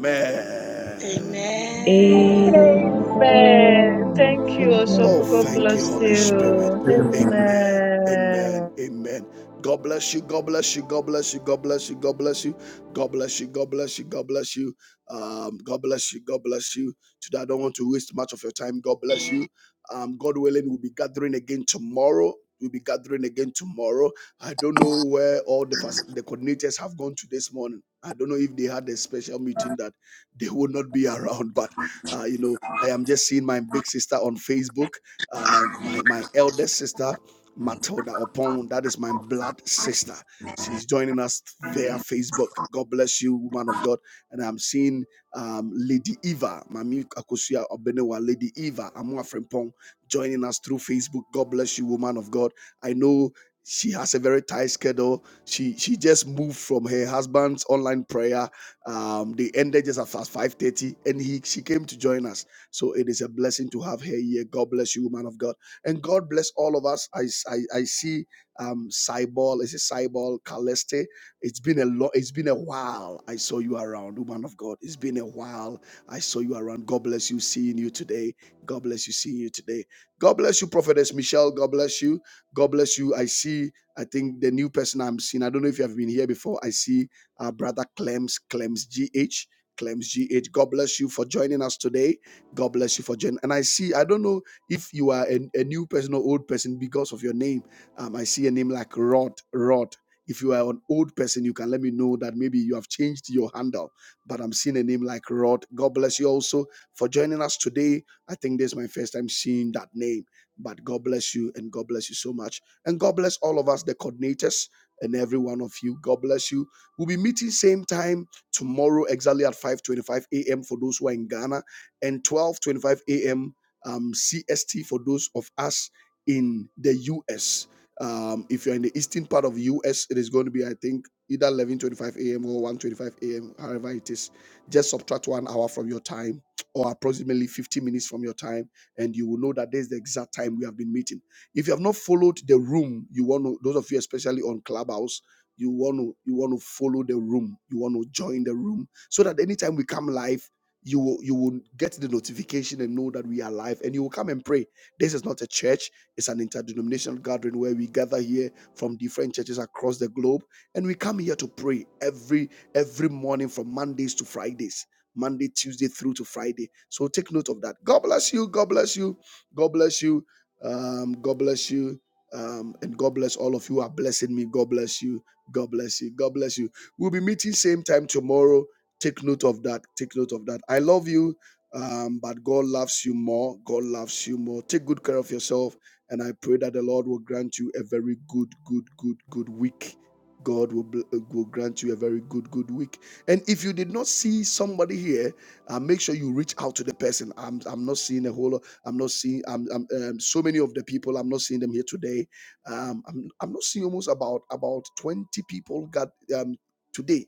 Speaker 2: Amen.
Speaker 3: Amen.
Speaker 6: Amen.
Speaker 4: Amen.
Speaker 6: Thank you also
Speaker 4: Amen.
Speaker 1: Oh,
Speaker 6: for God
Speaker 1: thank you,
Speaker 6: bless
Speaker 1: Holy Spirit.
Speaker 6: you.
Speaker 1: Amen. Amen.
Speaker 6: Amen.
Speaker 1: Amen. God bless you. God bless you. God bless you. God bless you. God bless you. God bless you. God bless you. God bless you. Um, God bless you. God bless you. Today, I don't want to waste much of your time. God bless you. Um, God willing, we'll be gathering again tomorrow. We'll be gathering again tomorrow. I don't know where all the fac- the coordinators have gone to this morning. I don't know if they had a special meeting that they would not be around, but uh, you know. I am just seeing my big sister on Facebook, uh, my my eldest sister Matilda Opon. That is my blood sister. She's joining us via Facebook. God bless you, woman of God. And I'm seeing um, Lady Eva, Mami Akosia Obenewa, Lady Eva Amua Frempong, joining us through Facebook. God bless you, woman of God. I know she has a very tight schedule. She she just moved from her husband's online prayer. Um, they ended just at 5:30, and he she came to join us. So it is a blessing to have her here. God bless you, man of God. And God bless all of us. I I I see um Cyball, is it Cyball Caleste? It's been a lot, it's been a while I saw you around, woman of God. It's been a while I saw you around. God bless you seeing you today. God bless you seeing you today. God bless you, Prophetess Michelle. God bless you. God bless you. I see, I think the new person I'm seeing. I don't know if you have been here before. I see uh, Brother Clems, Clems GH. Clems GH. God bless you for joining us today. God bless you for joining. And I see, I don't know if you are a, a new person or old person because of your name. Um, I see a name like Rod, Rod. If you are an old person, you can let me know that maybe you have changed your handle. But I'm seeing a name like Rod. God bless you also for joining us today. I think this is my first time seeing that name. But God bless you and God bless you so much. And God bless all of us, the coordinators, and every one of you. God bless you. We'll be meeting same time tomorrow, exactly at 5:25 a.m. for those who are in Ghana and 12:25 a.m. Um, CST for those of us in the U.S. Um, if you're in the eastern part of the U.S., it is going to be, I think, either 11:25 a.m. or 1:25 a.m. However, it is, just subtract one hour from your time, or approximately 50 minutes from your time, and you will know that this is the exact time we have been meeting. If you have not followed the room, you want to. Those of you, especially on Clubhouse. You want to you want to follow the room. You want to join the room so that anytime we come live you will you will get the notification and know that we are live and you will come and pray this is not a church it's an interdenominational gathering where we gather here from different churches across the globe and we come here to pray every every morning from mondays to fridays monday tuesday through to friday so take note of that god bless you god bless you god bless you um god bless you um and god bless all of you who are blessing me god bless you god bless you god bless you we'll be meeting same time tomorrow Take note of that. Take note of that. I love you, um, but God loves you more. God loves you more. Take good care of yourself. And I pray that the Lord will grant you a very good, good, good, good week. God will, bl- uh, will grant you a very good, good week. And if you did not see somebody here, uh, make sure you reach out to the person. I'm, I'm not seeing a whole lot. I'm not seeing I'm, I'm, um, so many of the people. I'm not seeing them here today. Um, I'm, I'm not seeing almost about about 20 people got um, today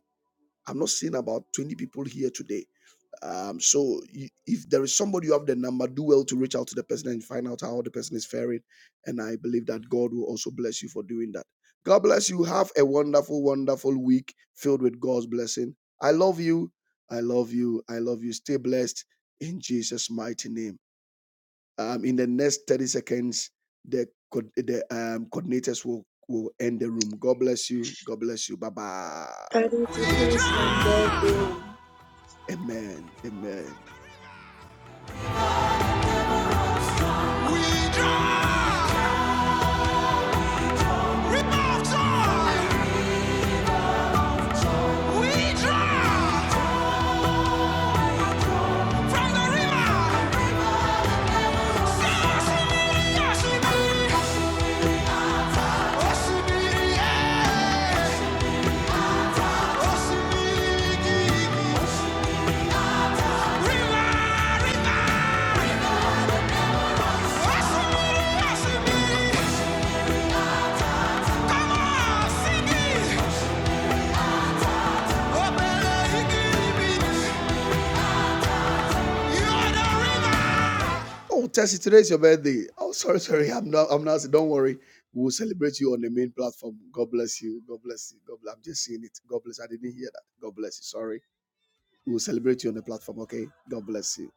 Speaker 1: I'm not seeing about 20 people here today. Um, so you, if there is somebody you have the number, do well to reach out to the person and find out how the person is faring. And I believe that God will also bless you for doing that. God bless you. Have a wonderful, wonderful week filled with God's blessing. I love you. I love you. I love you. Stay blessed in Jesus' mighty name. Um, in the next 30 seconds, the co- the um, coordinators will, will end the room. God bless you. God bless you. Bye bye.
Speaker 3: 32 days, my birthday.
Speaker 1: Amen. Amen. yeah. Oh, Tessie, today is your birthday. Oh, sorry, sorry. I'm not. I'm not. Don't worry. We'll celebrate you on the main platform. God bless you. God bless you. God bless. I'm just seeing it. God bless. I didn't hear that. God bless you. Sorry. We'll celebrate you on the platform. Okay. God bless you.